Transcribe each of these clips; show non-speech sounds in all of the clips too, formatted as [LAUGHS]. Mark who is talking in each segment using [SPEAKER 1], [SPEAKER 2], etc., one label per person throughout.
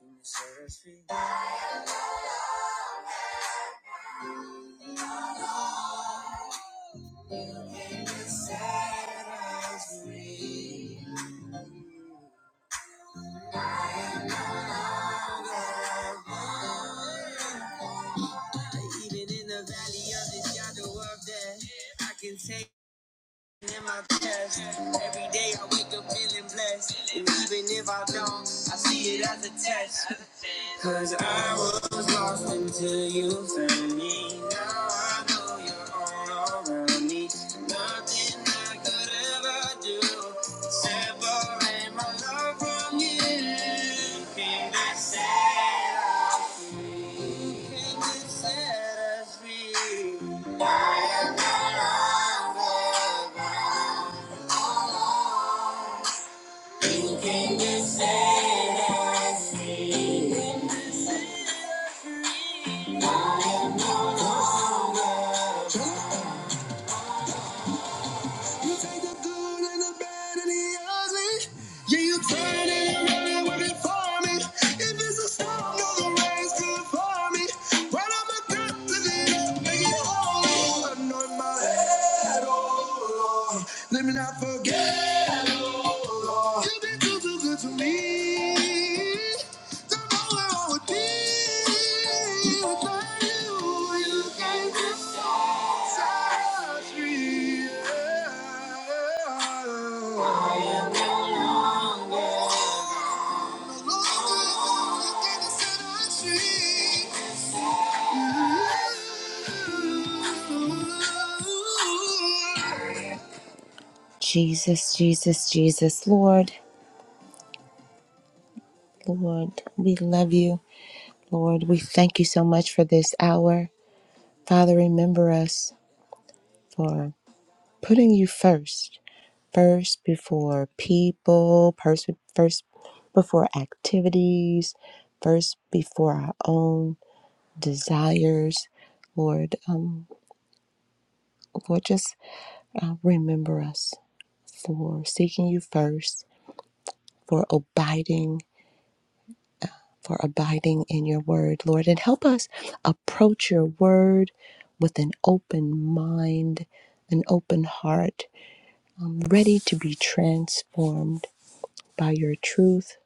[SPEAKER 1] Who set us free? Even in the valley of the shadow of death, I can take. in my chest. Every day I wake up feeling blessed. And even if I don't, I see it as a test. Cause I was lost until you found me. Now I know you're all around me. Nothing I could ever do could separate my love from you. Can I set us free? Can you set us free? I am no longer. Can you say that see it? You take the good and the bad and the ugly. Yeah, you turn it around and work it for me. If it's a storm, no, the rain's good for me. When I'm a good, lift it up, make it holy. Anoint my head, oh Lord. Let me not forget, oh Lord. You've been too, too good to me. Don't know where I would be without you. You can't just Jesus, Jesus, Jesus, Lord, Lord, we love you. Lord, we thank you so much for this hour. Father, remember us for putting you first. first before people, first, first before activities, first before our own desires. Lord, um, Lord, just uh, remember us for seeking you first, for abiding, for abiding in your word, Lord, and help us approach your word with an open mind, an open heart, um, ready to be transformed by your truth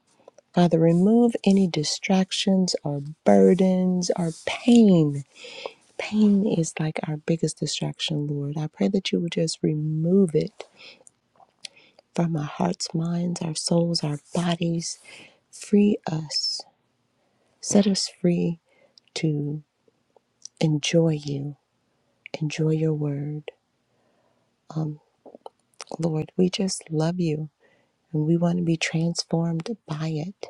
[SPEAKER 1] Father, remove any distractions or burdens or pain. Pain is like our biggest distraction, Lord. I pray that you would just remove it from our hearts, minds, our souls, our bodies. Free us. Set us free to enjoy you, enjoy your word. Lord, we just love you and we want to be transformed by it.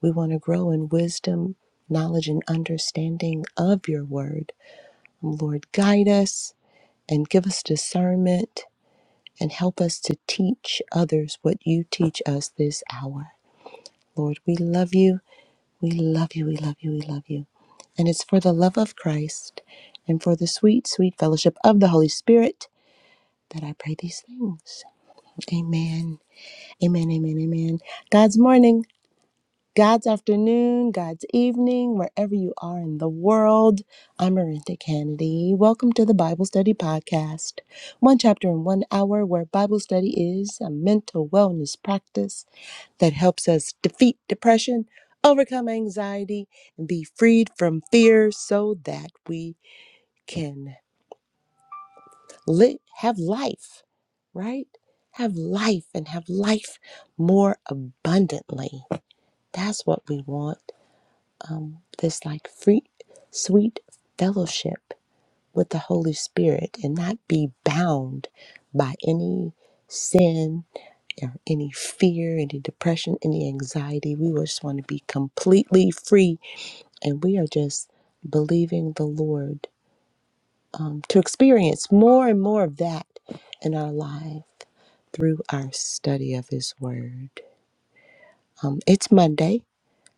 [SPEAKER 1] We want to grow in wisdom, knowledge, and understanding of your word. Lord, guide us and give us discernment and help us to teach others what you teach us this hour. Lord, we love you. We love you. We love you. We love you. And it's for the love of Christ and for the sweet, sweet fellowship of the Holy Spirit that I pray these things. Amen. Amen. Amen. Amen. God's morning. God's afternoon, God's evening, wherever you are in the world. I'm Arinta Kennedy. Welcome to the Bible Study Podcast, one chapter in one hour, where Bible study is a mental wellness practice that helps us defeat depression, overcome anxiety, and be freed from fear so that we can live, have life, right? Have life and have life more abundantly. That's what we want. this like free sweet fellowship with the Holy Spirit and not be bound by any sin or any fear, any depression, any anxiety. We just want to be completely free and we are just believing the Lord um, to experience more and more of that in our life through our study of His Word. Um, it's Monday.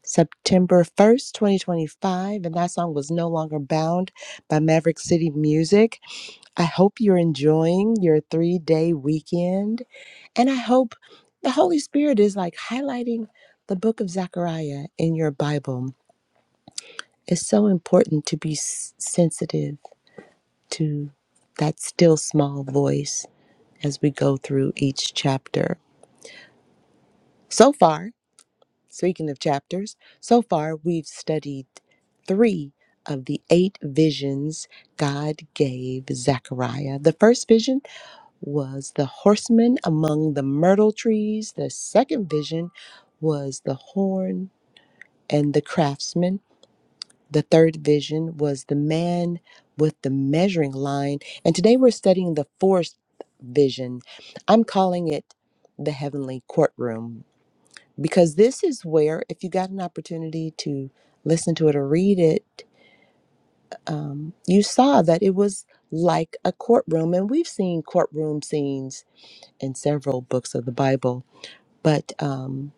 [SPEAKER 1] September 1st, 2025, and that song was No Longer Bound by Maverick City Music. I hope you're enjoying your three day weekend, and I hope the Holy Spirit is like highlighting the book of Zechariah in your Bible. It's so important to be s- sensitive to that still small voice as we go through each chapter. So far, Speaking of chapters, so far we've studied three of the eight visions God gave Zechariah. The first vision was the horseman among the myrtle trees, the second vision was the horn and the craftsman, the third vision was the man with the measuring line, and today we're studying the fourth vision. I'm calling it the heavenly courtroom because this is where, if you got an opportunity to listen to it or read it, um, you saw that it was like a courtroom. And we've seen courtroom scenes in several books of the Bible, but um,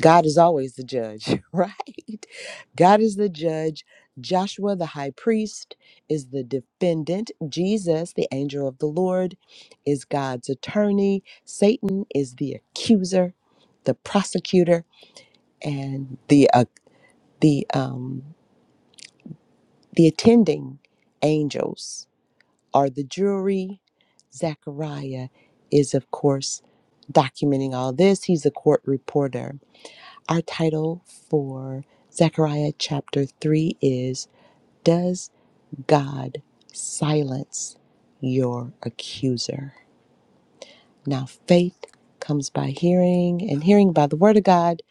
[SPEAKER 1] God is always the judge, [LAUGHS] right? God is the judge. Joshua, the high priest, is the defendant. Jesus, the angel of the Lord, is God's attorney. Satan is the accuser, the prosecutor and the accuser the um, the attending angels are the jury. Zechariah is, of course, documenting all this. He's a court reporter. Our title for Zechariah chapter 3 is Does God Silence Your Accuser? Now, faith comes by hearing, and hearing by the Word of God.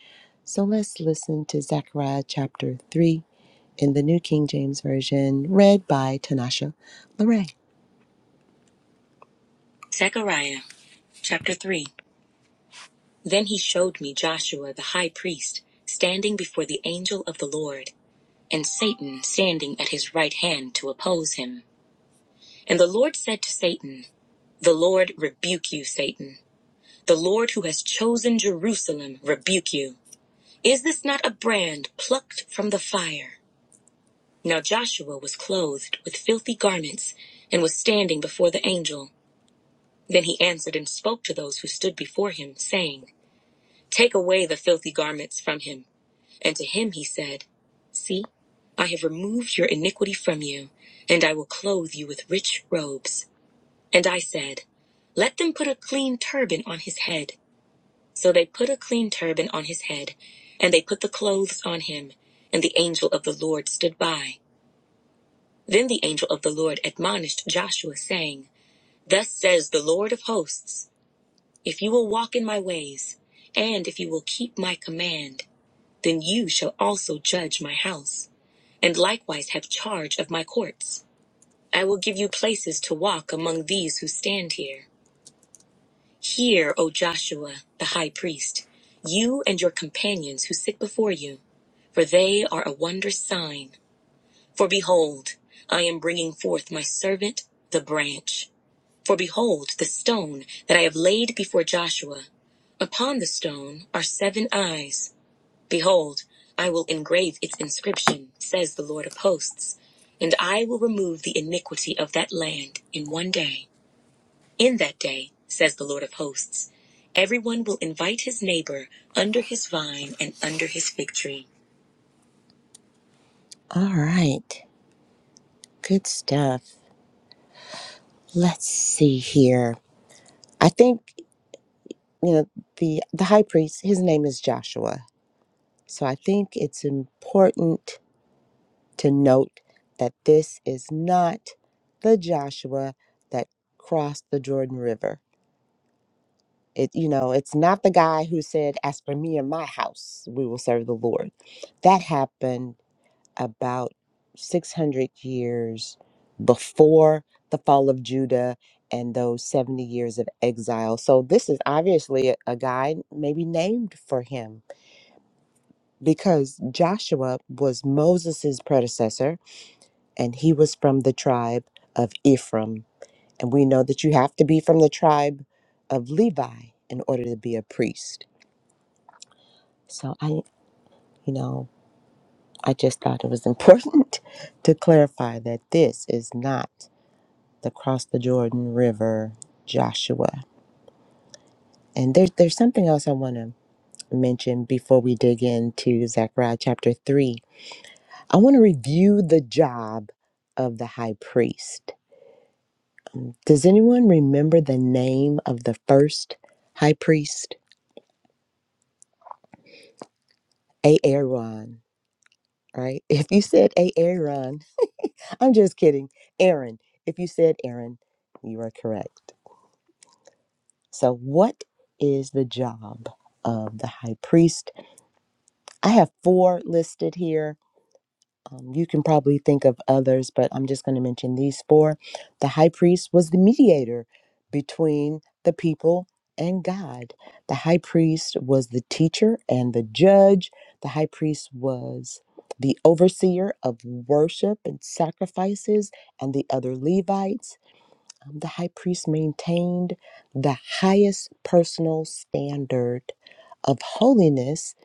[SPEAKER 1] So let's listen to Zechariah chapter 3 in the New King James Version, read by Tanasha Larray. Zechariah chapter 3. Then he showed me Joshua the high priest standing before the angel of the Lord, and Satan standing at his right hand to oppose him. And the Lord said to Satan, The Lord rebuke you, Satan. The Lord who has chosen Jerusalem rebuke you. Is this not a brand plucked from the fire? Now Joshua was clothed with filthy garments and was standing before the angel. Then he answered and spoke to those who stood before him, saying, Take away the filthy garments from him. And to him he said, See, I have removed your iniquity from you, and I will clothe you with rich robes. And I said, Let them put a clean turban on his head. So they put a clean turban on his head, and they put the clothes on him. And the angel of the Lord stood by. Then the angel of the Lord admonished Joshua, saying, Thus says the Lord of hosts, If you will walk in my ways, and if you will keep my command, then you shall also judge my house and likewise have charge of my courts. I will give you places to walk among these who stand here. Hear, O Joshua, the high priest, you and your companions who sit before you, for they are a wondrous sign. For behold, I am bringing forth my servant, the branch. For behold, the stone that I have laid before Joshua. Upon the stone are seven eyes. Behold, I will engrave its inscription, says the Lord of hosts, and I will remove the iniquity of that land in one day. In that day, says the Lord of hosts, everyone will invite his neighbor under his vine and under his fig tree. All right. Good stuff. Let's see here. I think, you know, the the high priest, his name is Joshua. So I think it's important to note that this is not the Joshua that crossed the Jordan River It, you know, it's not the guy who said, As for me and my house, we will serve the Lord. That happened about 600 years before the fall of Judah and those 70 years of exile. So this is obviously a, a guy maybe named for him because Joshua was Moses's predecessor and he was from the tribe of Ephraim. And we know that you have to be from the tribe of Levi in order to be a priest. So I, you know, I just thought it was important [LAUGHS] to clarify that this is not the cross the Jordan River Joshua. And there's there's something else I want to mention before we dig into Zechariah chapter three. I want to review the job of the high priest. Does anyone remember the name of the first high priest? Aaron, right? [LAUGHS] If you said Aaron I'm just kidding. Aaron, if you said Aaron, you are correct. So, what is the job of the high priest? I have four listed here. Um, you can probably think of others, but I'm just going to mention these four. The high priest was the mediator between the people and God. The high priest was the teacher and the judge. The high priest was the overseer of worship and sacrifices and the other Levites. The high priest maintained the highest personal standard of holiness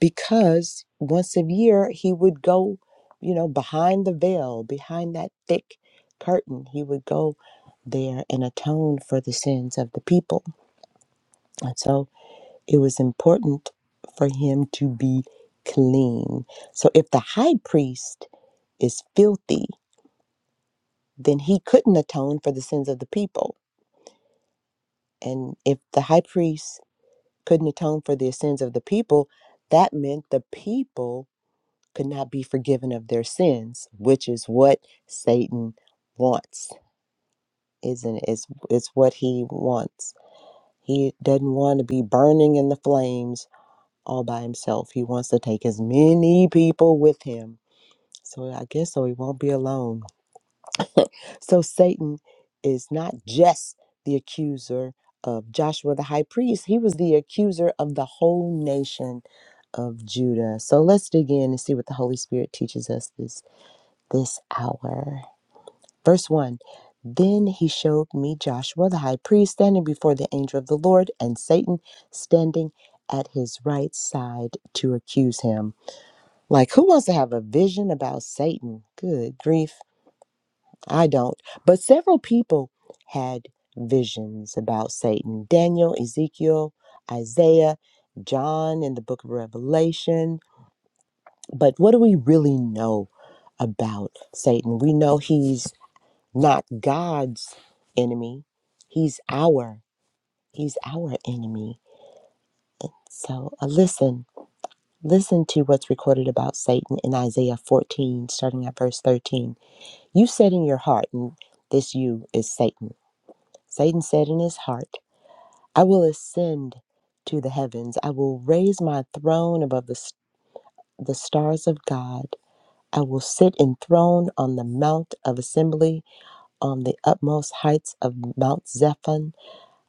[SPEAKER 1] because once a year he would go, you know, behind the veil, behind that thick curtain, he would go there and atone for the sins of the people. And so it was important for him to be clean. So if the high priest is filthy, then he couldn't atone for the sins of the people. And if the high priest couldn't atone for the sins of the people, that meant the people could not be forgiven of their sins, which is what Satan wants, isn't it? It's, it's what he wants. He doesn't want to be burning in the flames all by himself. He wants to take as many people with him. So I guess so he won't be alone So Satan is not just the accuser of Joshua the high priest, he was the accuser of the whole nation of Judah. So let's dig in and see what the Holy Spirit teaches us this this hour. Verse 1. Then he showed me Joshua the high priest standing before the angel of the Lord and Satan standing at his right side to accuse him. Like who wants to have a vision about Satan? Good grief. I don't. But several people had visions about Satan Daniel, Ezekiel, Isaiah, John in the book of Revelation. But what do we really know about Satan? We know he's not God's enemy, he's our. He's our enemy. So uh, listen, listen to what's recorded about Satan in Isaiah 14, starting at verse 13. You said in your heart, and this you is Satan Satan said in his heart, I will ascend to the heavens. I will raise my throne above the, s- the stars of God. I will sit enthroned on the mount of assembly on the utmost heights of Mount Zephon.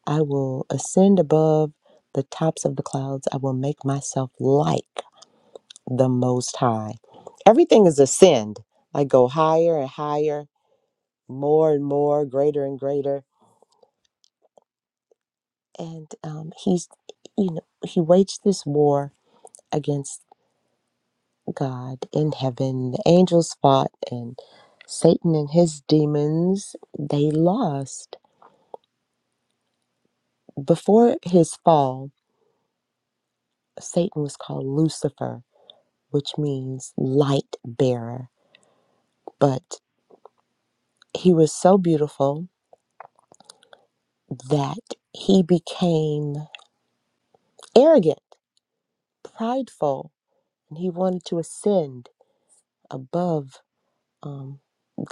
[SPEAKER 1] I will ascend above the tops of the clouds. I will make myself like the Most High. Everything is ascend. I go higher and higher, more and more, greater and greater. And um, he's, you know, he waged this war against God in heaven. The angels fought, and Satan and his demons, they lost. Before his fall, Satan was called Lucifer, which means light bearer. But he was so beautiful that he became arrogant, prideful, and he wanted to ascend above um,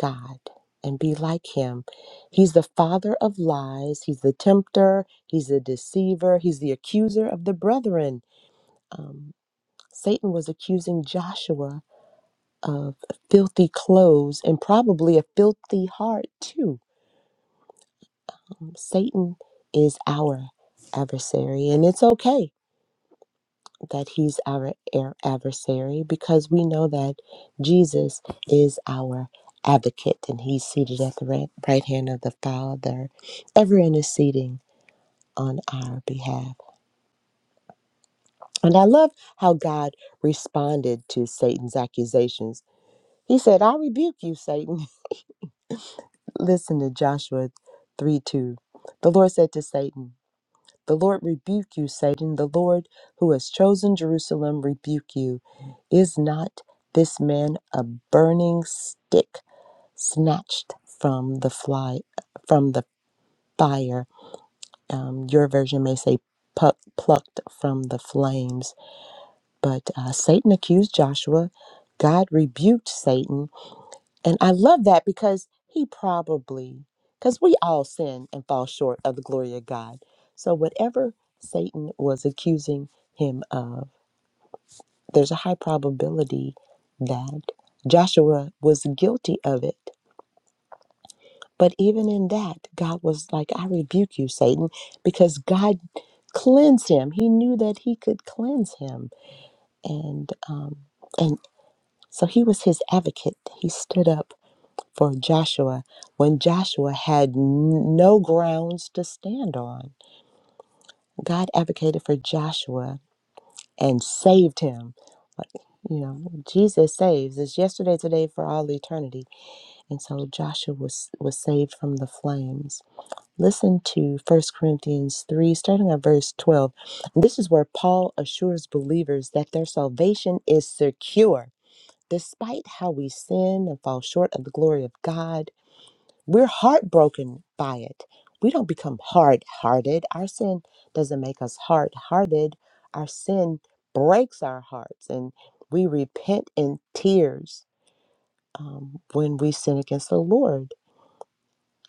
[SPEAKER 1] God and be like Him. He's the father of lies, He's the tempter, He's the deceiver, He's the accuser of the brethren. Um, Satan was accusing Joshua of filthy clothes and probably a filthy heart, too. Satan is our adversary, and it's okay that he's our air adversary because we know that Jesus is our advocate and he's seated at the right, right hand of the Father, ever interceding on our behalf. And I love how God responded to Satan's accusations. He said, I rebuke you, Satan. [LAUGHS] Listen to Joshua 3 2. The Lord said to Satan, The Lord rebuke you, Satan. The Lord who has chosen Jerusalem rebuke you. Is not this man a burning stick snatched from the fly, from the fire? Um, your version may say pu- plucked from the flames. But uh, Satan accused Joshua. God rebuked Satan and I love that because he probably, because we all sin and fall short of the glory of God. So, whatever Satan was accusing him of, there's a high probability that Joshua was guilty of it. But even in that, God was like, I rebuke you, Satan, because God cleansed him. He knew that he could cleanse him. And, um, and so he was his advocate. He stood up for Joshua when Joshua had n- no grounds to stand on. God advocated for Joshua and saved him. Like, You know, Jesus saves. It's yesterday, today, for all eternity. And so Joshua was, was saved from the flames. Listen to First Corinthians 3, starting at verse 12. This is where Paul assures believers that their salvation is secure. Despite how we sin and fall short of the glory of God, We're heartbroken by it. We don't become hard hearted. Our sin doesn't make us hard hearted. Our sin breaks our hearts, and we repent in tears um, when we sin against the Lord.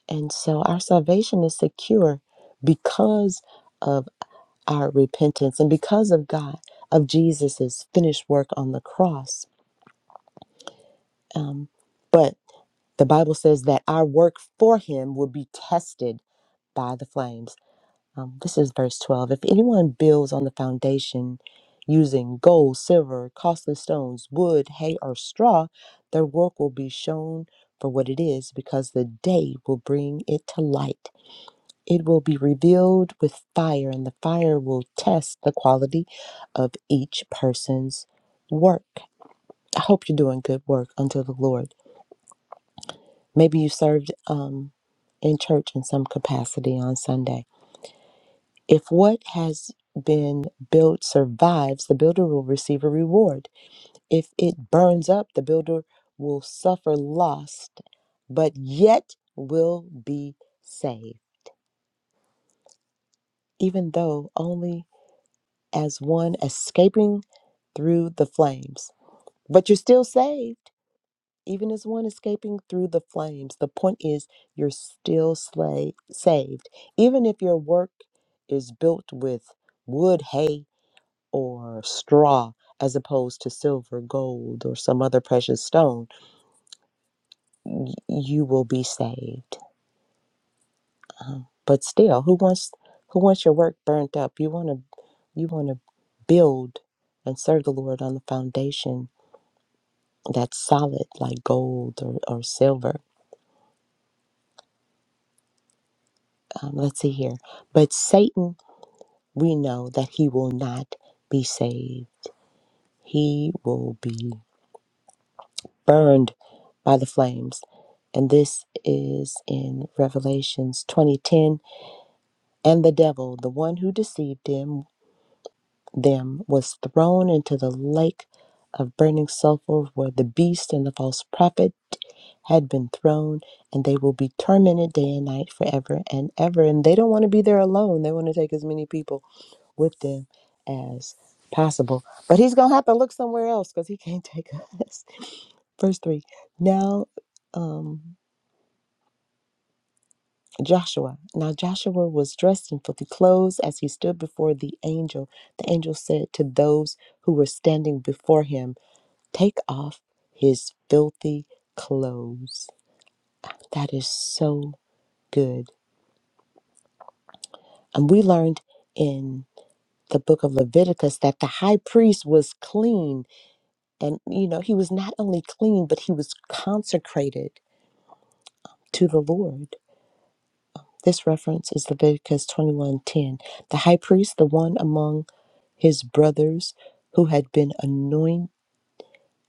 [SPEAKER 1] And so our salvation is secure because of our repentance and because of God, of Jesus' finished work on the cross. Um, but the Bible says that our work for Him will be tested by the flames. Um, this is verse 12. If anyone builds on the foundation using gold, silver, costly stones, wood, hay, or straw, their work will be shown for what it is because the day will bring it to light. It will be revealed with fire, and the fire will test the quality of each person's work. I hope you're doing good work unto the Lord. Maybe you served um, in church in some capacity on Sunday If what has been built survives, the builder will receive a reward. If it burns up, the builder will suffer loss, but yet will be saved, even though only as one escaping through the flames. But you're still saved, even as one escaping through the flames. The point is, you're still sla- saved. Even if your work is built with wood, hay, or straw as opposed to silver, gold, or some other precious stone, y- you will be saved. But still, who wants who wants your work burnt up? You want to you want to build and serve the Lord on the foundation that's solid like gold or, or silver. Um, let's see here. But Satan, we know that he will not be saved. He will be burned by the flames. And this is in Revelations 20:10. And the devil, the one who deceived him, them, was thrown into the lake of burning sulfur where the beast and the false prophet had been thrown, and they will be tormented day and night forever and ever. And they don't want to be there alone. They want to take as many people with them as possible. But he's going to have to look somewhere else because he can't take us. [LAUGHS] Verse 3. Now, um, Joshua. Now Joshua was dressed in filthy clothes as he stood before the angel. The angel said to those who were standing before him, Take off his filthy clothes. That is so good. And we learned in the book of Leviticus that the high priest was clean. And, you know, he was not only clean, but he was consecrated to the Lord. This reference is Leviticus 21:10. The high priest, the one among his brothers who had been anoint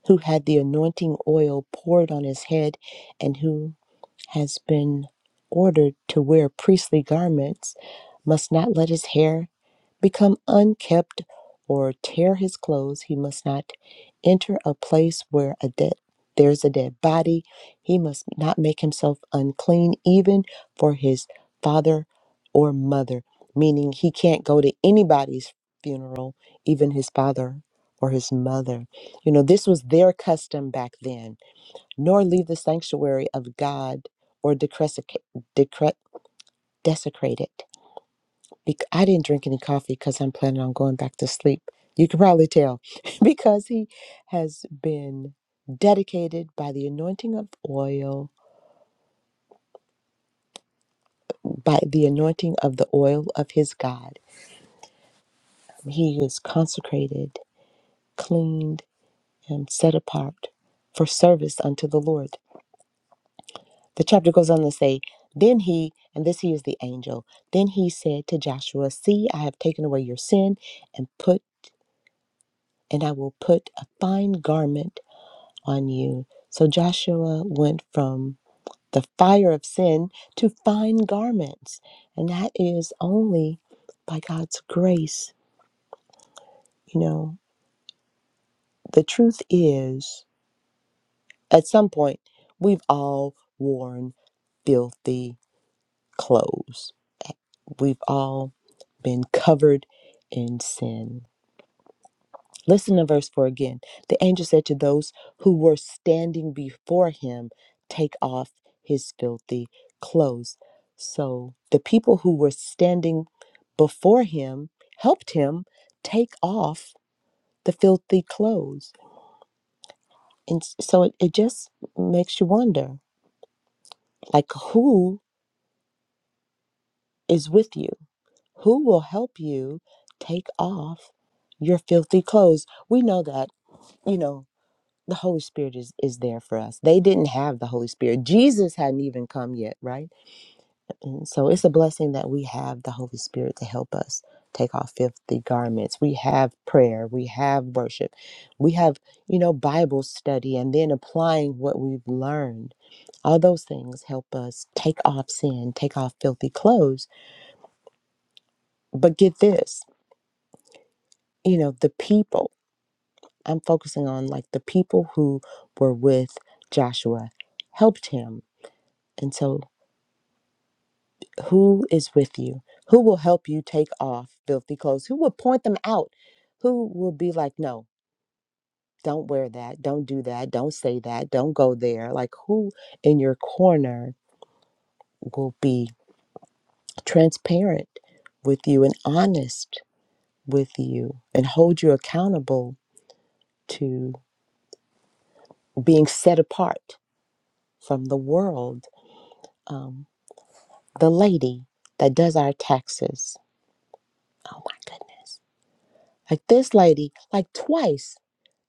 [SPEAKER 1] who had the anointing oil poured on his head and who has been ordered to wear priestly garments must not let his hair become unkempt or tear his clothes. He must not enter a place where a dead there's a dead body. He must not make himself unclean even for his father or mother, meaning he can't go to anybody's funeral, even his father or his mother. You know, this was their custom back then, nor leave the sanctuary of God or decrescate- decre- desecrate it bec- I didn't drink any coffee because I'm planning on going back to sleep. You can probably tell [LAUGHS] because he has been dedicated by the anointing of oil, by the anointing of the oil of his God. He is consecrated, cleaned, and set apart for service unto the Lord. The chapter goes on to say, Then he, and this he is the angel, then he said to Joshua, See, I have taken away your sin and put and I will put a fine garment on you. So Joshua went from the fire of sin to fine garments. And that is only by God's grace. You know, the truth is, at some point, we've all worn filthy clothes, we've all been covered in sin. Listen to verse 4 again. The angel said to those who were standing before him, Take off his filthy clothes. So the people who were standing before him helped him take off the filthy clothes. And s- so it, it just makes you wonder like, who is with you? Who will help you take off your filthy clothes? We know that, you know, the Holy Spirit is is there for us. They didn't have the Holy Spirit. Jesus hadn't even come yet, right? And so it's a blessing that we have the Holy Spirit to help us take off filthy garments. We have prayer, we have worship. We have, you know, Bible study and then applying what we've learned. All those things help us take off sin, take off filthy clothes. But get this, you know, the people. I'm focusing on like the people who were with Joshua helped him. And so Who is with you? Who will help you take off filthy clothes? Who will point them out? Who will be like, no, don't wear that. Don't do that. Don't say that. Don't go there. Like, who in your corner will be transparent with you and honest with you and hold you accountable to being set apart from the world? Um, the lady that does our taxes. Oh my goodness. Like this lady, like twice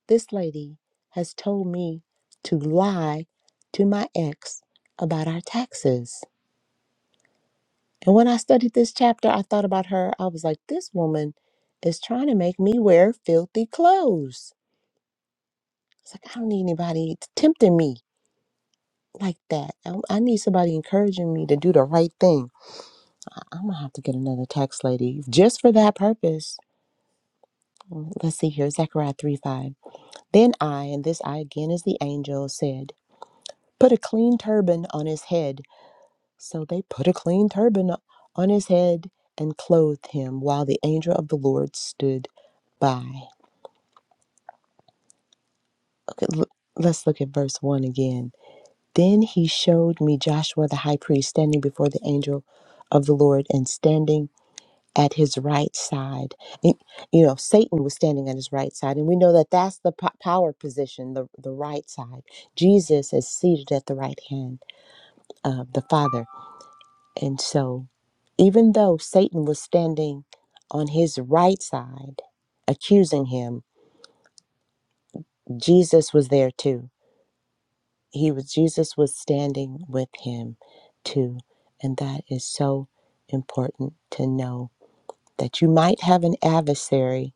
[SPEAKER 1] This lady has told me to lie to my ex about our taxes. And when I studied this chapter, I thought about her. I was like, this woman is trying to make me wear filthy clothes. It's like, I don't need anybody tempting me like that. I, I need somebody encouraging me to do the right thing. I- I'm going to have to get another tax lady just for that purpose. Let's see here Zechariah 3 5. Then I, and this I again is the angel, said, Put a clean turban on his head So they put a clean turban on his head and clothed him while the angel of the Lord stood by. l- Let's look at verse 1 again. Then he showed me Joshua the high priest standing before the angel of the Lord and standing at his right side. And, you know, Satan was standing at his right side. And we know that that's the po- power position, the, the right side. Jesus is seated at the right hand of the Father. And so Even though Satan was standing on his right side accusing him, Jesus was there too. He was Jesus was standing with him too. And that is so important to know that you might have an adversary.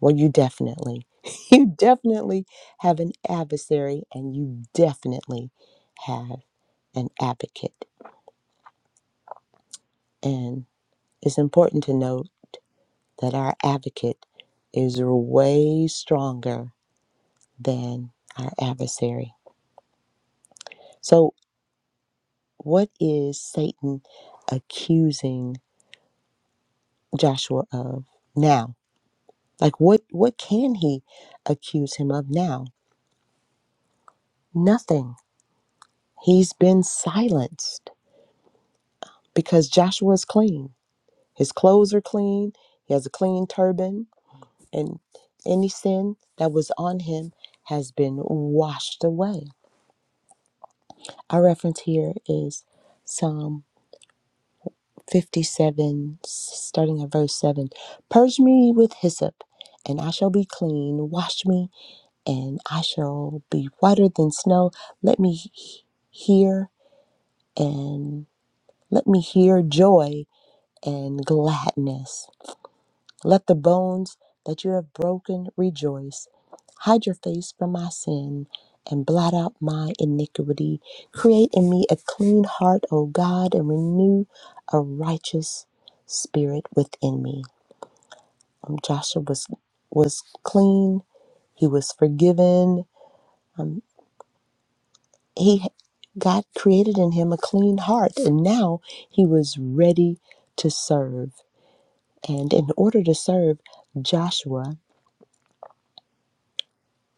[SPEAKER 1] Well, you definitely, [LAUGHS] you definitely have an adversary and you definitely have an advocate. And it's important to know. that our advocate is way stronger than our adversary. So, what is Satan accusing Joshua of now? Like, what, what can he accuse him of now? Nothing. He's been silenced because Joshua's clean. His clothes are clean. He has a clean turban, and any sin that was on him has been washed away. Our reference here is Psalm 57, starting at verse 7. Purge me with hyssop, and I shall be clean. Wash me, and I shall be whiter than snow. Let me he- hear and let me hear joy and gladness. Let the bones that you have broken rejoice. Hide your face from my sin and blot out my iniquity. Create in me a clean heart, O God, and renew a righteous spirit within me. Um, Joshua was was clean. He was forgiven. Um, he God created in him a clean heart, and now he was ready to serve. And in order to serve, Joshua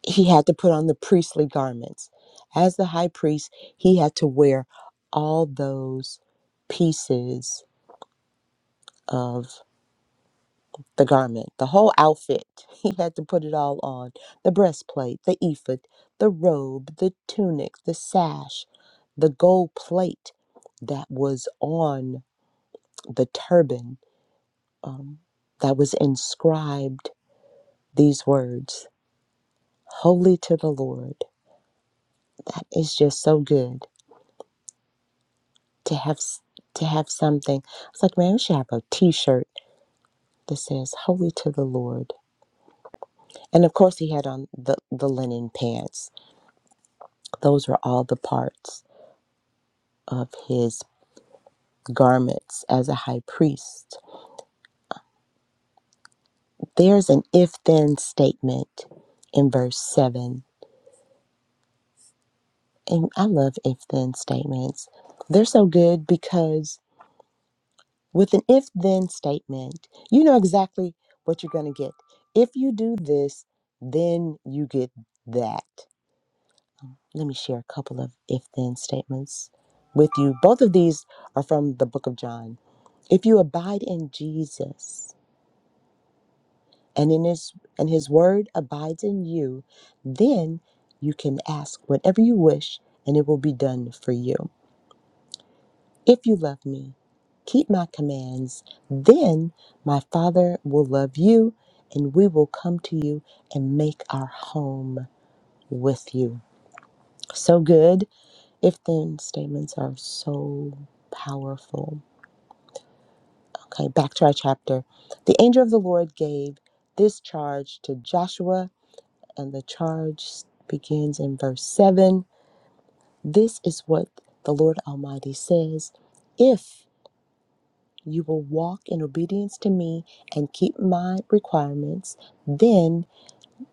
[SPEAKER 1] he had to put on the priestly garments. As the high priest, he had to wear all those pieces of the garment, the whole outfit. [LAUGHS] He had to put it all on the breastplate, the ephod, the robe, the tunic, the sash, the gold plate that was on the turban that was inscribed these words Holy to the Lord. That is just so good. to have s- to have something. It's like, man, we should have a T-shirt that says "Holy to the Lord." And of course, he had on the the linen pants. Those were all the parts of his garments as a high priest. There's an if then statement in verse seven, and I love if then statements. They're so good because with an if then statement, you know exactly what you're going to get. If you do this, then you get that. Let me share a couple of if then statements with you. Both of these are from the book of John. If you abide in Jesus and in his and his word abides in you, then you can ask whatever you wish and it will be done for you. If you love me, keep my commands, then my Father will love you and we will come to you and make our home with you. So good If then statements are so powerful. Okay, back to our chapter. The angel of the Lord gave this charge to Joshua, and the charge begins in verse 7. This is what the Lord Almighty says If you will walk in obedience to me and keep my requirements, then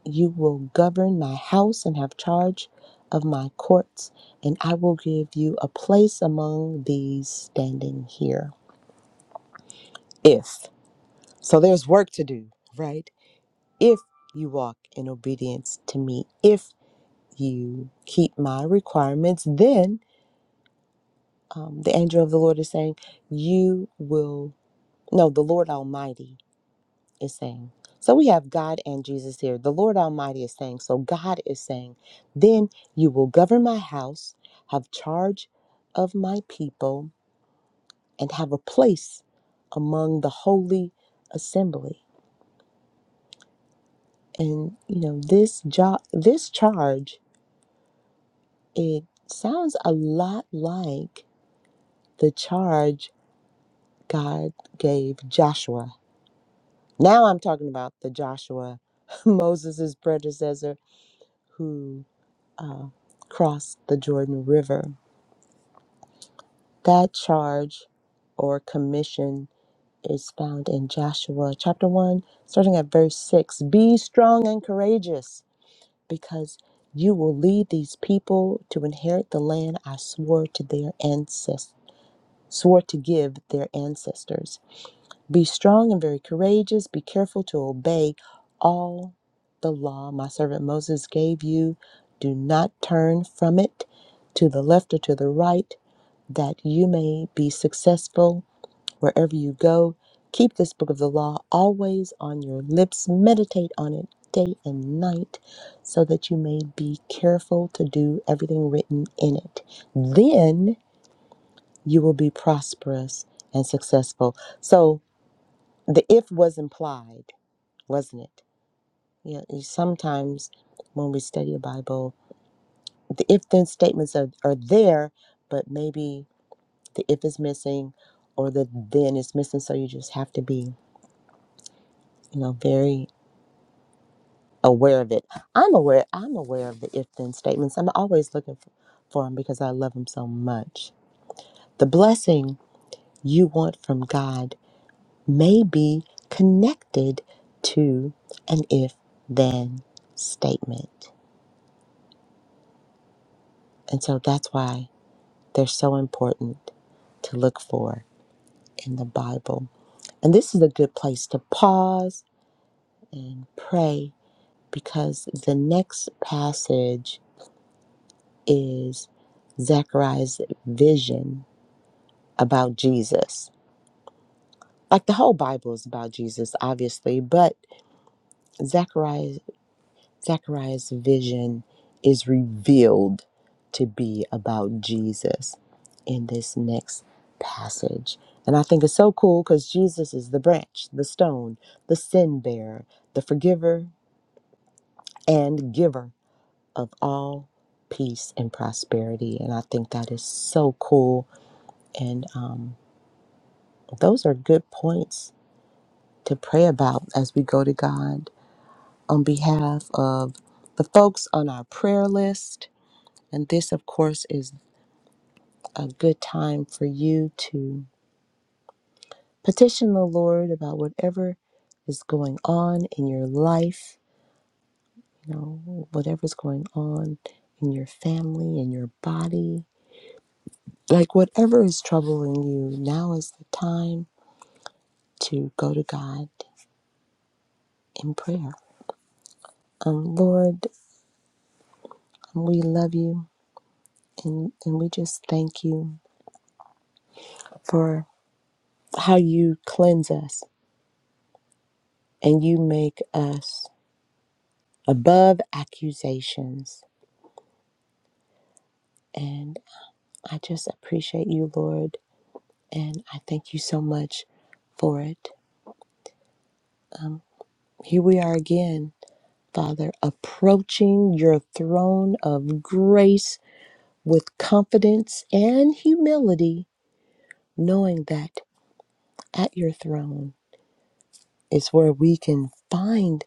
[SPEAKER 1] you will govern my house and have charge of my courts, and I will give you a place among these standing here. if. So there's work to do, right? If you walk in obedience to me, if you keep my requirements, then um, the angel of the Lord is saying, You will, no, the Lord Almighty is saying. So we have God and Jesus here. The Lord Almighty is saying, So God is saying, Then you will govern my house, have charge of my people, and have a place among the holy assembly. And you know, this job this charge, it sounds a lot like the charge God gave Joshua. Now I'm talking about the Joshua, [LAUGHS] Moses' predecessor, who uh, crossed the Jordan River. That charge or commission is found in Joshua chapter 1, starting at verse 6. Be strong and courageous because you will lead these people to inherit the land I swore to their ancestors swore to give their ancestors. Be strong and very courageous, be careful to obey all the law my servant Moses gave you. Do not turn from it to the left or to the right, that you may be successful Wherever you go, keep this book of the law always on your lips. Meditate on it day and night so that you may be careful to do everything written in it. Then you will be prosperous and successful. So the if was implied, wasn't it? Yeah, You know, sometimes when we study a Bible, the if then statements are, are there, but maybe the if is missing or the then is missing. So you just have to be, you know, very aware of it. I'm aware. I'm aware of the if-then statements. I'm always looking for, for them because I love them so much. The blessing you want from God may be connected to an if-then statement, and so that's why they're so important to look for in the Bible. And this is a good place to pause and pray because the next passage is Zechariah's vision about Jesus. Like the whole Bible is about Jesus, obviously, but Zechariah, Zechariah's vision is revealed to be about Jesus in this next passage. And I think it's so cool because Jesus is the branch, the stone, the sin bearer, the forgiver and giver of all peace and prosperity. And I think that is so cool. And um, those are good points to pray about as we go to God on behalf of the folks on our prayer list. And this, of course, is a good time for you to petition the Lord about whatever is going on in your life, you know, whatever's going on in your family, in your body, like whatever is troubling you, now is the time to go to God in prayer. Um, Lord, we love you and, and we just thank you for how you cleanse us and you make us above accusations. And I just appreciate you, Lord, and I thank you so much for it. Here we are again, Father, approaching your throne of grace with confidence and humility, knowing that at your throne is where we can find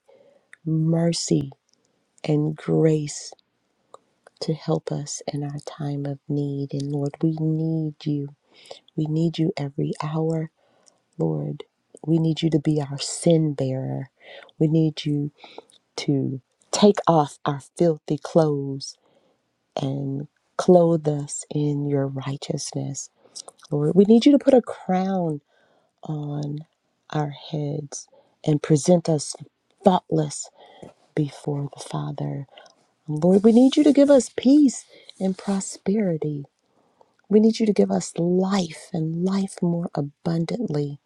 [SPEAKER 1] mercy and grace to help us in our time of need. And Lord, we need you. We need you every hour, Lord. We need you to be our sin bearer. We need you to take off our filthy clothes and clothe us in your righteousness. Lord, we need you to put a crown on our heads and present us faultless before the Father. Lord, we need you to give us peace and prosperity. We need you to give us life and life more abundantly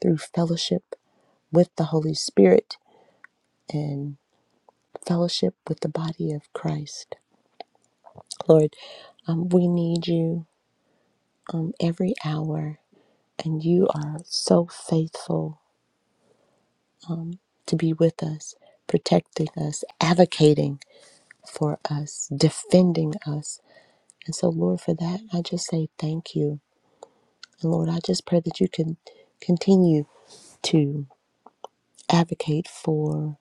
[SPEAKER 1] through fellowship with the Holy Spirit and fellowship with the body of Christ. Lord, um, we need you um, every hour, and you are so faithful to be with us, protecting us, advocating for us, defending us. And so, Lord, for that, I just say thank you. And Lord, I just pray that you can continue to advocate for,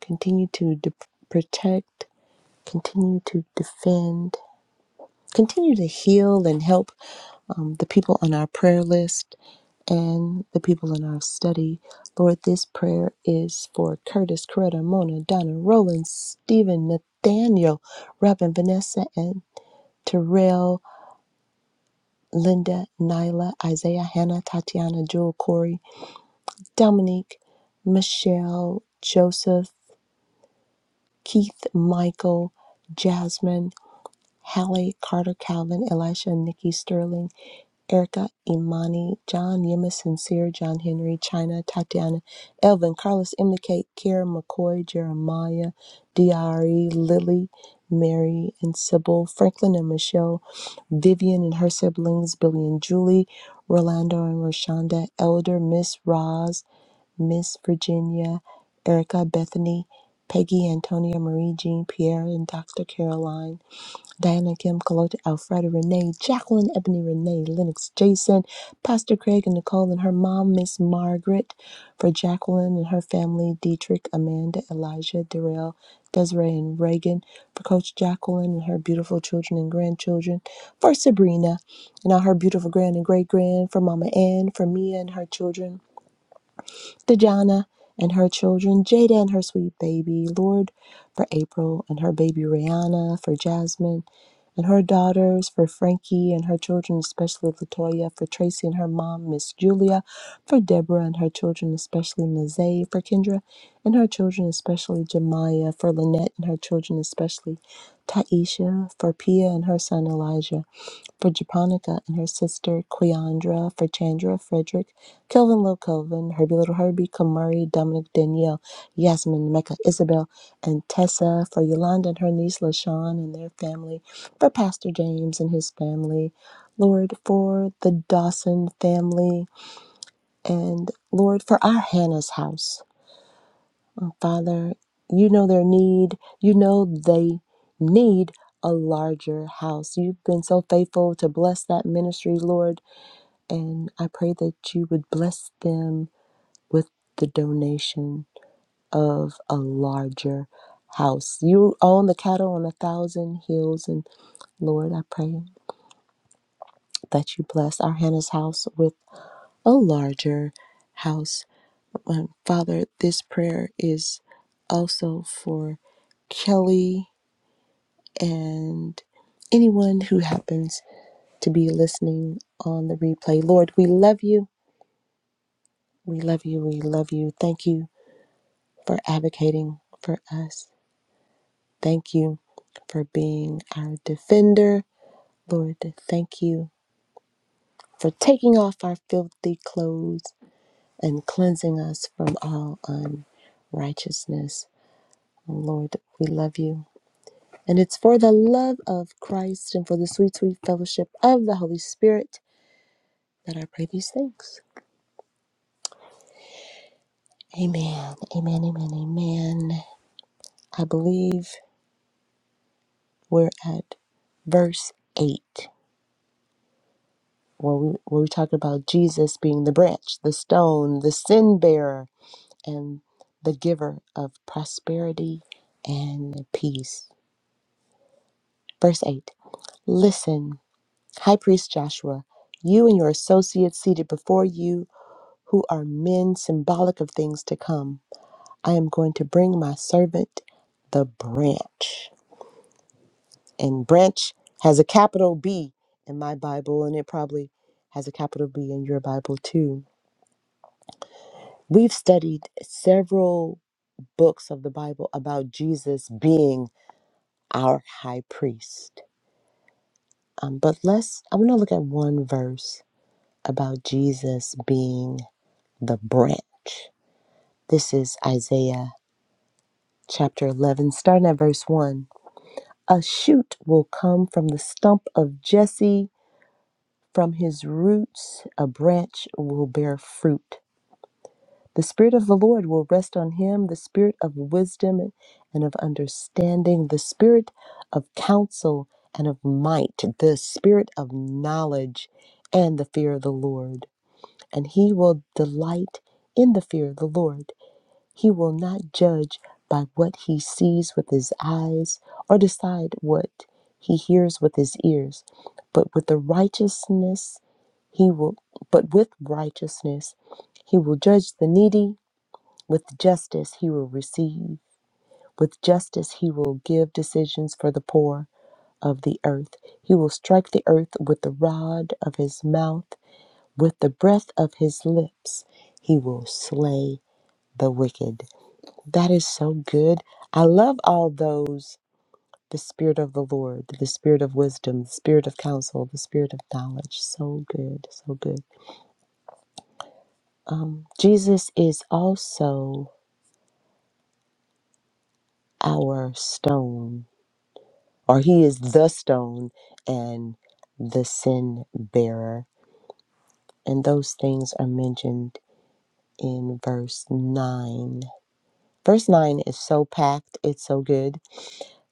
[SPEAKER 1] continue to de- protect, continue to defend, continue to heal and help um, the people on our prayer list and the people in our study. Lord, this prayer is for Curtis, Coretta, Mona, Donna, Roland, Stephen, Nathaniel, Robin, Vanessa, and Terrell, Linda, Nyla, Isaiah, Hannah, Tatiana, Jewel, Corey, Dominique, Michelle, Joseph. Keith, Michael, Jasmine, Hallie, Carter, Calvin, Elisha, Nikki, Sterling, Erica, Imani, John, Yema, Sincere, John Henry, China, Tatiana, Elvin, Carlos, Emily, Kate, Kara, McCoy, Jeremiah, DRE, Lily, Mary, and Sybil, Franklin and Michelle, Vivian and her siblings, Billy and Julie, Rolando and Roshonda, Elder, Miss Roz, Miss Virginia, Erica Bethany, Peggy Antonia Marie Jean Pierre, and Dr. Caroline, Diana Kim, Kalota Alfreda, Renee, Jacqueline, Ebony Renee, Lennox Jason, Pastor Craig and Nicole, and her mom, Miss Margaret, for Jacqueline and her family, Dietrich, Amanda, Elijah, Darrell, Desiree, and Reagan, for Coach Jacqueline and her beautiful children and grandchildren, for Sabrina and all her beautiful grand and great grand, for Mama Ann, for Mia and her children Dejana and her children, Jada and her sweet baby, Lord for April and her baby Rihanna, for Jasmine and her daughters, for Frankie and her children, especially Latoya, for Tracy and her mom, Miss Julia, for Deborah and her children, especially Nazay, for Kendra and her children, especially Jemiah, for Lynette and her children, especially Taisha, for Pia and her son Elijah for Japonica and her sister Cleandra, for Chandra, Frederick, Kelvin Lil Kelvin, Herbie Little Herbie, Kamari, Dominic, Danielle, Yasmin, Mecca, Isabel, and Tessa, for Yolanda and her niece LaShawn and their family, for Pastor James and his family, Lord, for the Dawson family, and Lord, for our Hannah's house. Oh, Father, you know their need. You know they need a larger house. You've been so faithful to bless that ministry, Lord. And I pray that you would bless them with the donation of a larger house. You own the cattle on a thousand hills. And Lord, I pray that you bless our Hannah's house with a larger house. Um, Father, this prayer is also for Kelly and anyone who happens to be listening on the replay. Lord, we love you. We love you. We love you. Thank you for advocating for us. Thank you for being our defender. Lord, thank you for taking off our filthy clothes and cleansing us from all unrighteousness. Lord, we love you. And it's for the love of Christ and for the sweet, sweet fellowship of the Holy Spirit that I pray these things. Amen. Amen. Amen. Amen. I believe we're at verse 8, where we, where we talk about Jesus being the branch, the stone, the sin bearer, and the giver of prosperity and peace. Verse 8 Listen, High Priest Joshua, you and your associates seated before you, who are men symbolic of things to come, I am going to bring my servant, the branch. and branch has a capital B in my Bible, and it probably has a capital B in your Bible too. We've studied several books of the Bible about Jesus being our high priest. Um, but let's, I want to look at one verse about Jesus being the branch. This is Isaiah chapter 11, starting at verse 1. A shoot will come from the stump of Jesse From his roots, a branch will bear fruit. The Spirit of the Lord will rest on him the Spirit of wisdom and of understanding, the Spirit of counsel and of might, the Spirit of knowledge and the fear of the Lord and he will delight in the fear of the Lord. He will not judge by what he sees with his eyes or decide what he hears with his ears, but with the righteousness he will but with righteousness he will judge the needy, with justice he will receive, with justice he will give decisions for the poor of the earth. He will strike the earth with the rod of his mouth with the breath of his lips, he will slay the wicked. That is so good. I love all those the Spirit of the Lord, the Spirit of wisdom, the Spirit of counsel, the Spirit of knowledge. So good, so good. Um, Jesus is also our stone, or he is the stone and the sin bearer. And those things are mentioned in verse 9. Verse 9 is so packed, it's so good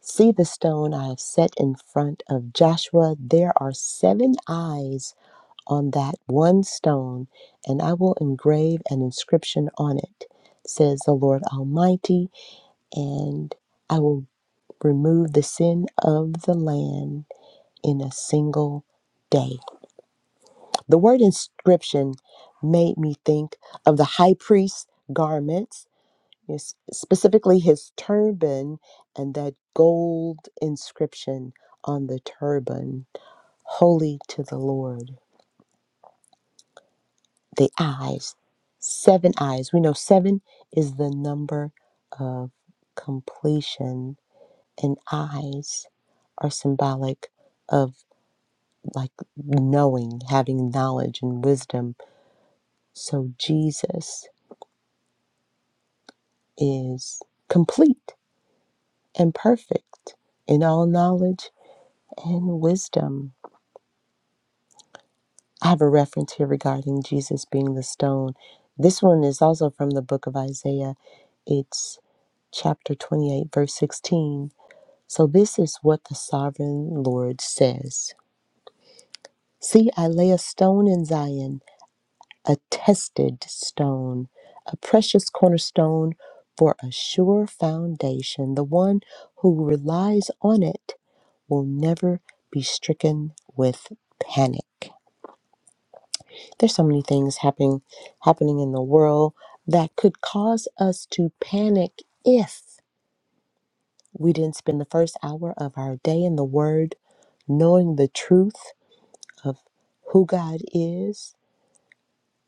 [SPEAKER 1] See the stone I have set in front of Joshua. There are seven eyes on that one stone, and I will engrave an inscription on it, says the Lord Almighty, and I will remove the sin of the land in a single day. The word inscription made me think of the high priest's garments Yes, specifically his turban and that gold inscription on the turban, holy to the Lord. The eyes, seven eyes. We know seven is the number of completion, and eyes are symbolic of like knowing, having knowledge and wisdom. So Jesus is complete and perfect in all knowledge and wisdom. I have a reference here regarding Jesus being the stone. This one is also from the book of Isaiah. It's chapter 28, verse 16. So, this is what the sovereign Lord says See, I lay a stone in Zion, a tested stone, a precious cornerstone for a sure foundation. The one who relies on it will never be stricken with panic. There's so many things happening happening in the world that could cause us to panic if we didn't spend the first hour of our day in the word knowing the truth of who God is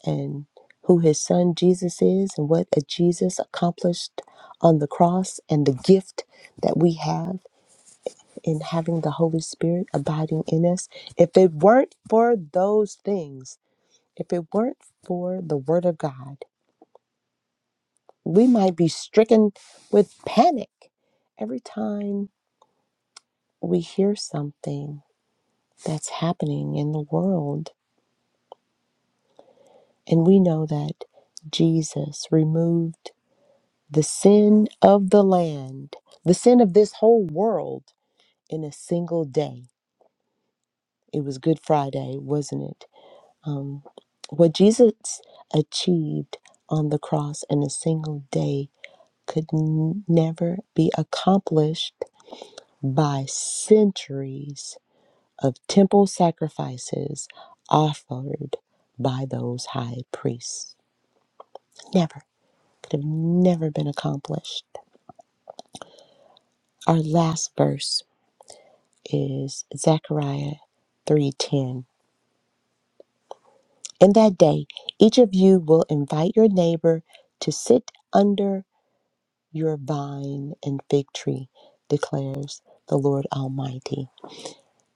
[SPEAKER 1] and who his son Jesus is and what a Jesus accomplished on the cross and the gift that we have in having the Holy Spirit abiding in us. If it weren't for those things, if it weren't for the word of God, we might be stricken with panic every time we hear something that's happening in the world. And we know that Jesus removed the sin of the land, the sin of this whole world in a single day. It was Good Friday, wasn't it? Um, what Jesus achieved on the cross in a single day could n- never be accomplished by centuries of temple sacrifices offered by those high priests. Never. Could have never been accomplished. Our last verse is Zechariah 3:10. In that day, each of you will invite your neighbor to sit under your vine and fig tree, declares the Lord Almighty.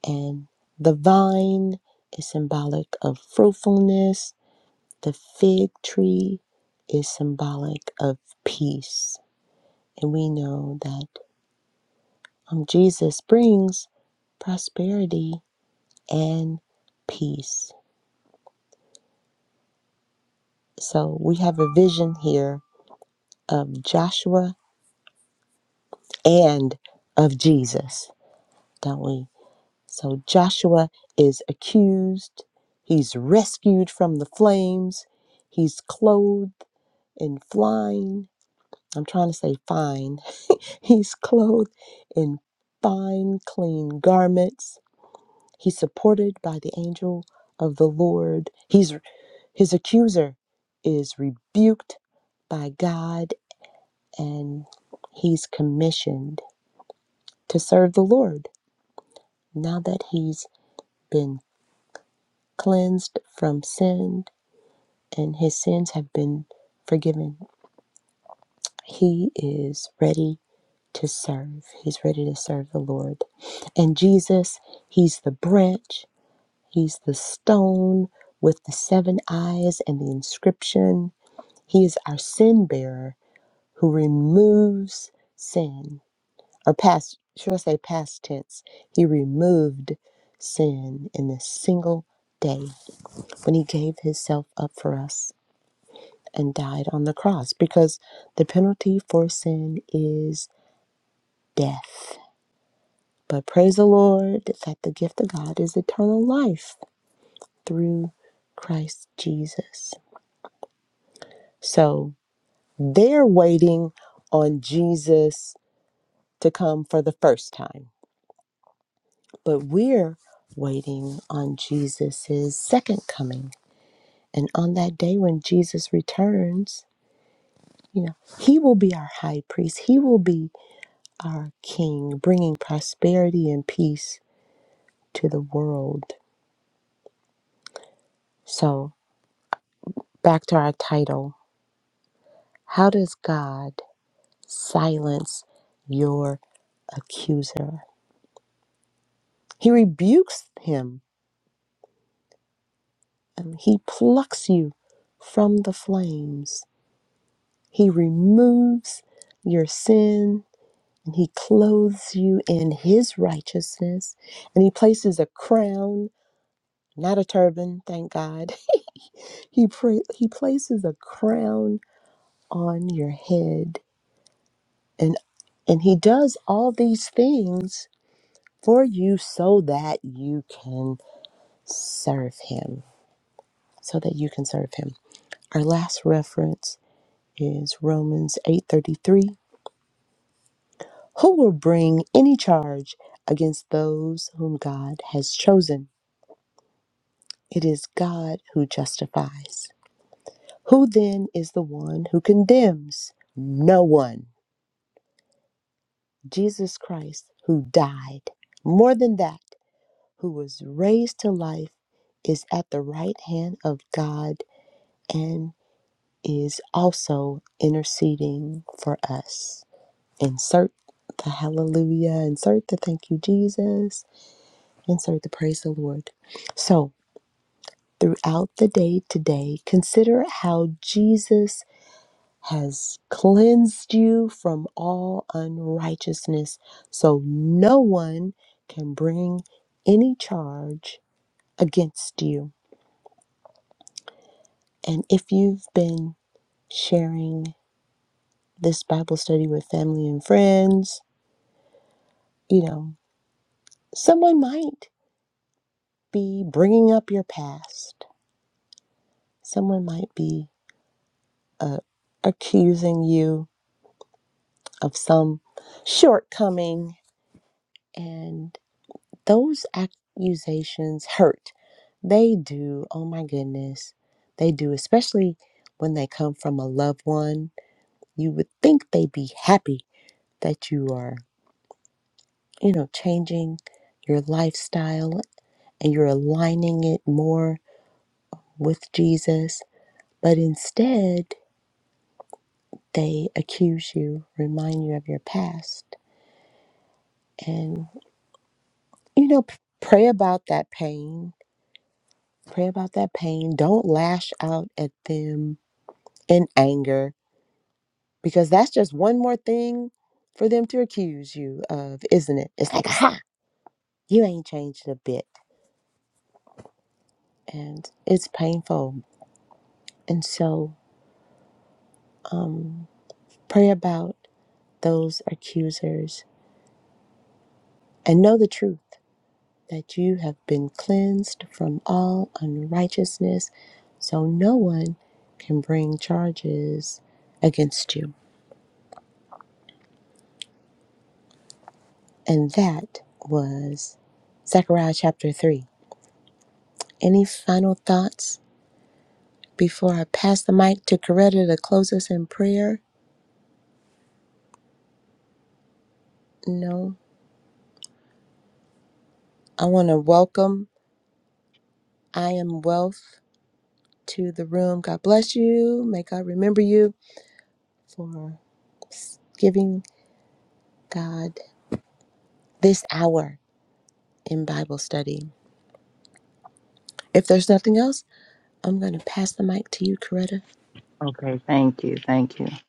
[SPEAKER 1] And the vine is symbolic of fruitfulness The fig tree is symbolic of peace. And we know that um, Jesus brings prosperity and peace. So we have a vision here of Joshua and of Jesus, don't we? So Joshua is accused, he's rescued from the flames, he's clothed in flying, I'm trying to say fine. [LAUGHS] He's clothed in fine, clean garments. He's supported by the angel of the Lord. He's his accuser is rebuked by God and he's commissioned to serve the Lord now that he's been cleansed from sin and his sins have been forgiven. He is ready to serve. He's ready to serve the Lord. And Jesus, he's the branch, he's the stone with the seven eyes and the inscription. He is our sin bearer who removes sin, or past, should I say past tense? He removed sin in this single day when he gave himself up for us and died on the cross because the penalty for sin is death But praise the Lord that the gift of God is eternal life through Christ Jesus. So they're waiting on Jesus to come for the first time, but we're waiting on Jesus' second coming. And on that day when Jesus returns, you know, he will be our high priest, he will be our king, bringing prosperity and peace to the world. So back to our title How does God silence your accuser? He rebukes him and he plucks you from the flames. He removes your sin and he clothes you in his righteousness and he places a crown, not a turban, thank God. [LAUGHS] he pra- he places a crown on your head and and he does all these things for you so that you can serve him so that you can serve him our last reference is romans 8.33 who will bring any charge against those whom god has chosen it is god who justifies who then is the one who condemns no one jesus christ who died more than that who was raised to life is at the right hand of god and is also interceding for us. Insert the hallelujah, insert the thank you, Jesus, insert the praise the Lord. So, throughout the day today, consider how Jesus has cleansed you from all unrighteousness so no one can bring any charge against you. And if you've been sharing this Bible study with family and friends, you know, someone might be bringing up your past. Someone might be uh, accusing you of some shortcoming, and those accusations hurt. They do. Oh my goodness. They do, especially when they come from a loved one. You would think they'd be happy that you are, you know, changing your lifestyle and you're aligning it more with Jesus But instead, they accuse you, remind you of your past. And, you know, p- pray about that pain. Pray about that pain. Don't lash out at them in anger because that's just one more thing for them to accuse you of, isn't it? It's like, aha, you ain't changed a bit. And it's painful. And so pray about those accusers and know the truth. that you have been cleansed from all unrighteousness, so no one can bring charges against you. And that was Zechariah chapter 3. Any final thoughts before I pass the mic to Coretta to close us in prayer? No. I want to welcome I Am Wealth to the room. God bless you. May God remember you for giving God this hour in Bible study. If there's nothing else, I'm going to pass the mic to you, Coretta.
[SPEAKER 2] Okay, thank you, thank you.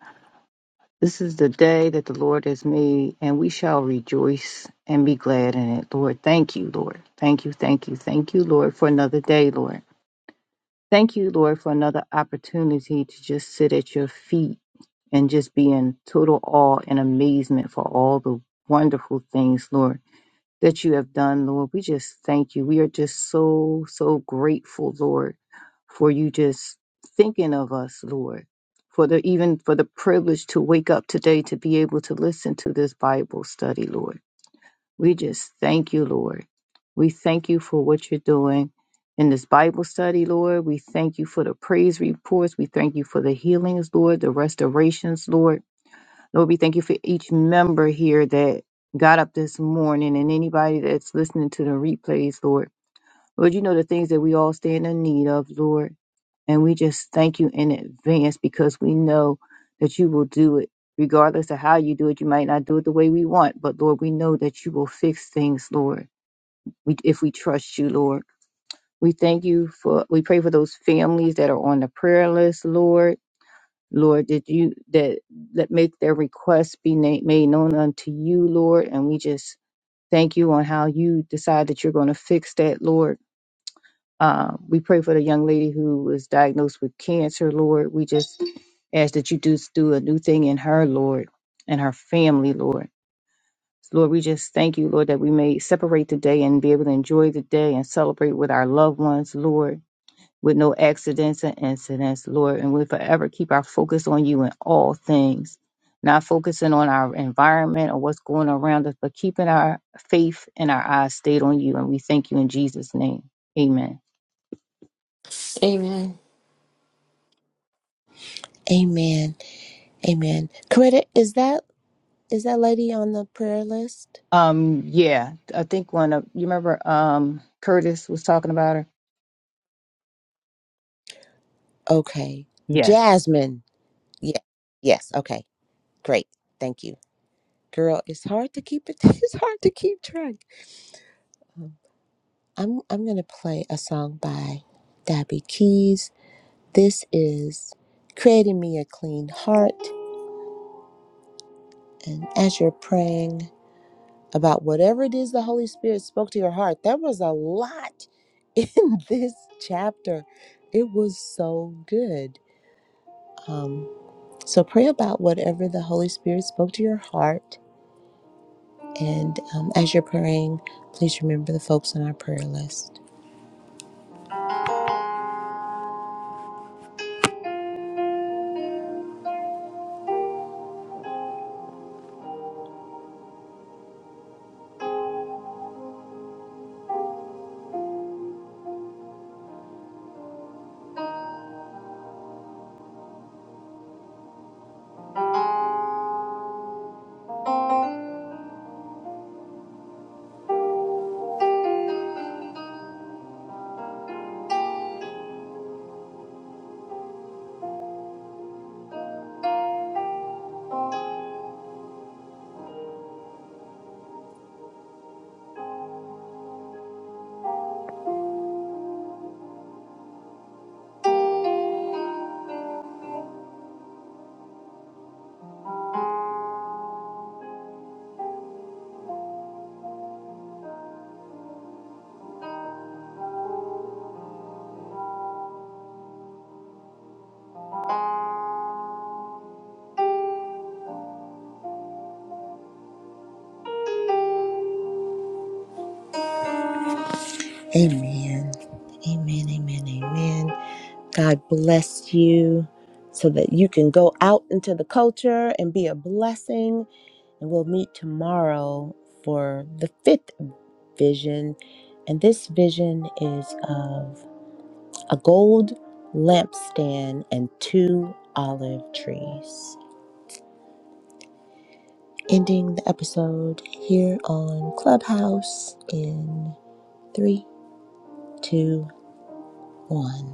[SPEAKER 2] This is the day that the Lord has made, and we shall rejoice and be glad in it. Lord, thank you, Lord. Thank you, thank you, thank you, Lord, for another day, Lord. Thank you, Lord, for another opportunity to just sit at your feet and just be in total awe and amazement for all the wonderful things, Lord that you have done, Lord. We just thank you. We are just so, so grateful, Lord, for you just thinking of us, Lord. For the even for the privilege to wake up today to be able to listen to this Bible study, Lord. We just thank you, Lord. We thank you for what you're doing in this Bible study, Lord. We thank you for the praise reports. We thank you for the healings, Lord, the restorations, Lord. Lord, we thank you for each member here that got up this morning and anybody that's listening to the replays, Lord. Lord, you know the things that we all stand in need of, Lord. And we just thank you in advance because we know that you will do it. Regardless of how you do it, you might not do it the way we want, but Lord, we know that you will fix things, Lord, we, if we trust you, Lord. We thank you for, we pray for those families that are on the prayer list, Lord Lord, that you that let make their requests be na- made known unto you, Lord, and we just thank you on how you decide that you're going to fix that, Lord. Uh, we pray for the young lady who was diagnosed with cancer, Lord. We just ask that you just do a new thing in her, Lord, and her family, Lord. Lord, we just thank you, Lord, that we may separate the day and be able to enjoy the day and celebrate with our loved ones, Lord with no accidents and incidents, Lord. And we forever keep our focus on you in all things, not focusing on our environment or what's going around us, but keeping our faith and our eyes stayed on you. And we thank you in Jesus' name. Amen.
[SPEAKER 3] Amen.
[SPEAKER 1] Amen. Amen. Coretta, is that is that lady on the prayer list?
[SPEAKER 2] Um, yeah, I think one of you remember um Curtis was talking about her?
[SPEAKER 1] Okay.
[SPEAKER 2] Yes.
[SPEAKER 1] Jasmine. Yeah. Yes. Okay. Great. Thank you. Girl, it's hard to keep it [LAUGHS] it's hard to keep track. I'm I'm going to play a song by Dabby Keys. This is Creating Me a Clean Heart. And as you're praying, about whatever it is the Holy Spirit spoke to your heart. There was a lot in [LAUGHS] this chapter. It was so good. Um, so pray about whatever the Holy Spirit spoke to your heart. And um, as you're praying, please remember the folks on our prayer list. Amen. Amen. Amen. Amen. God bless you so that you can go out into the culture and be a blessing And we'll meet tomorrow for the fifth vision. And this vision is of a gold lampstand and two olive trees. Ending the episode here on Clubhouse in three, two, one.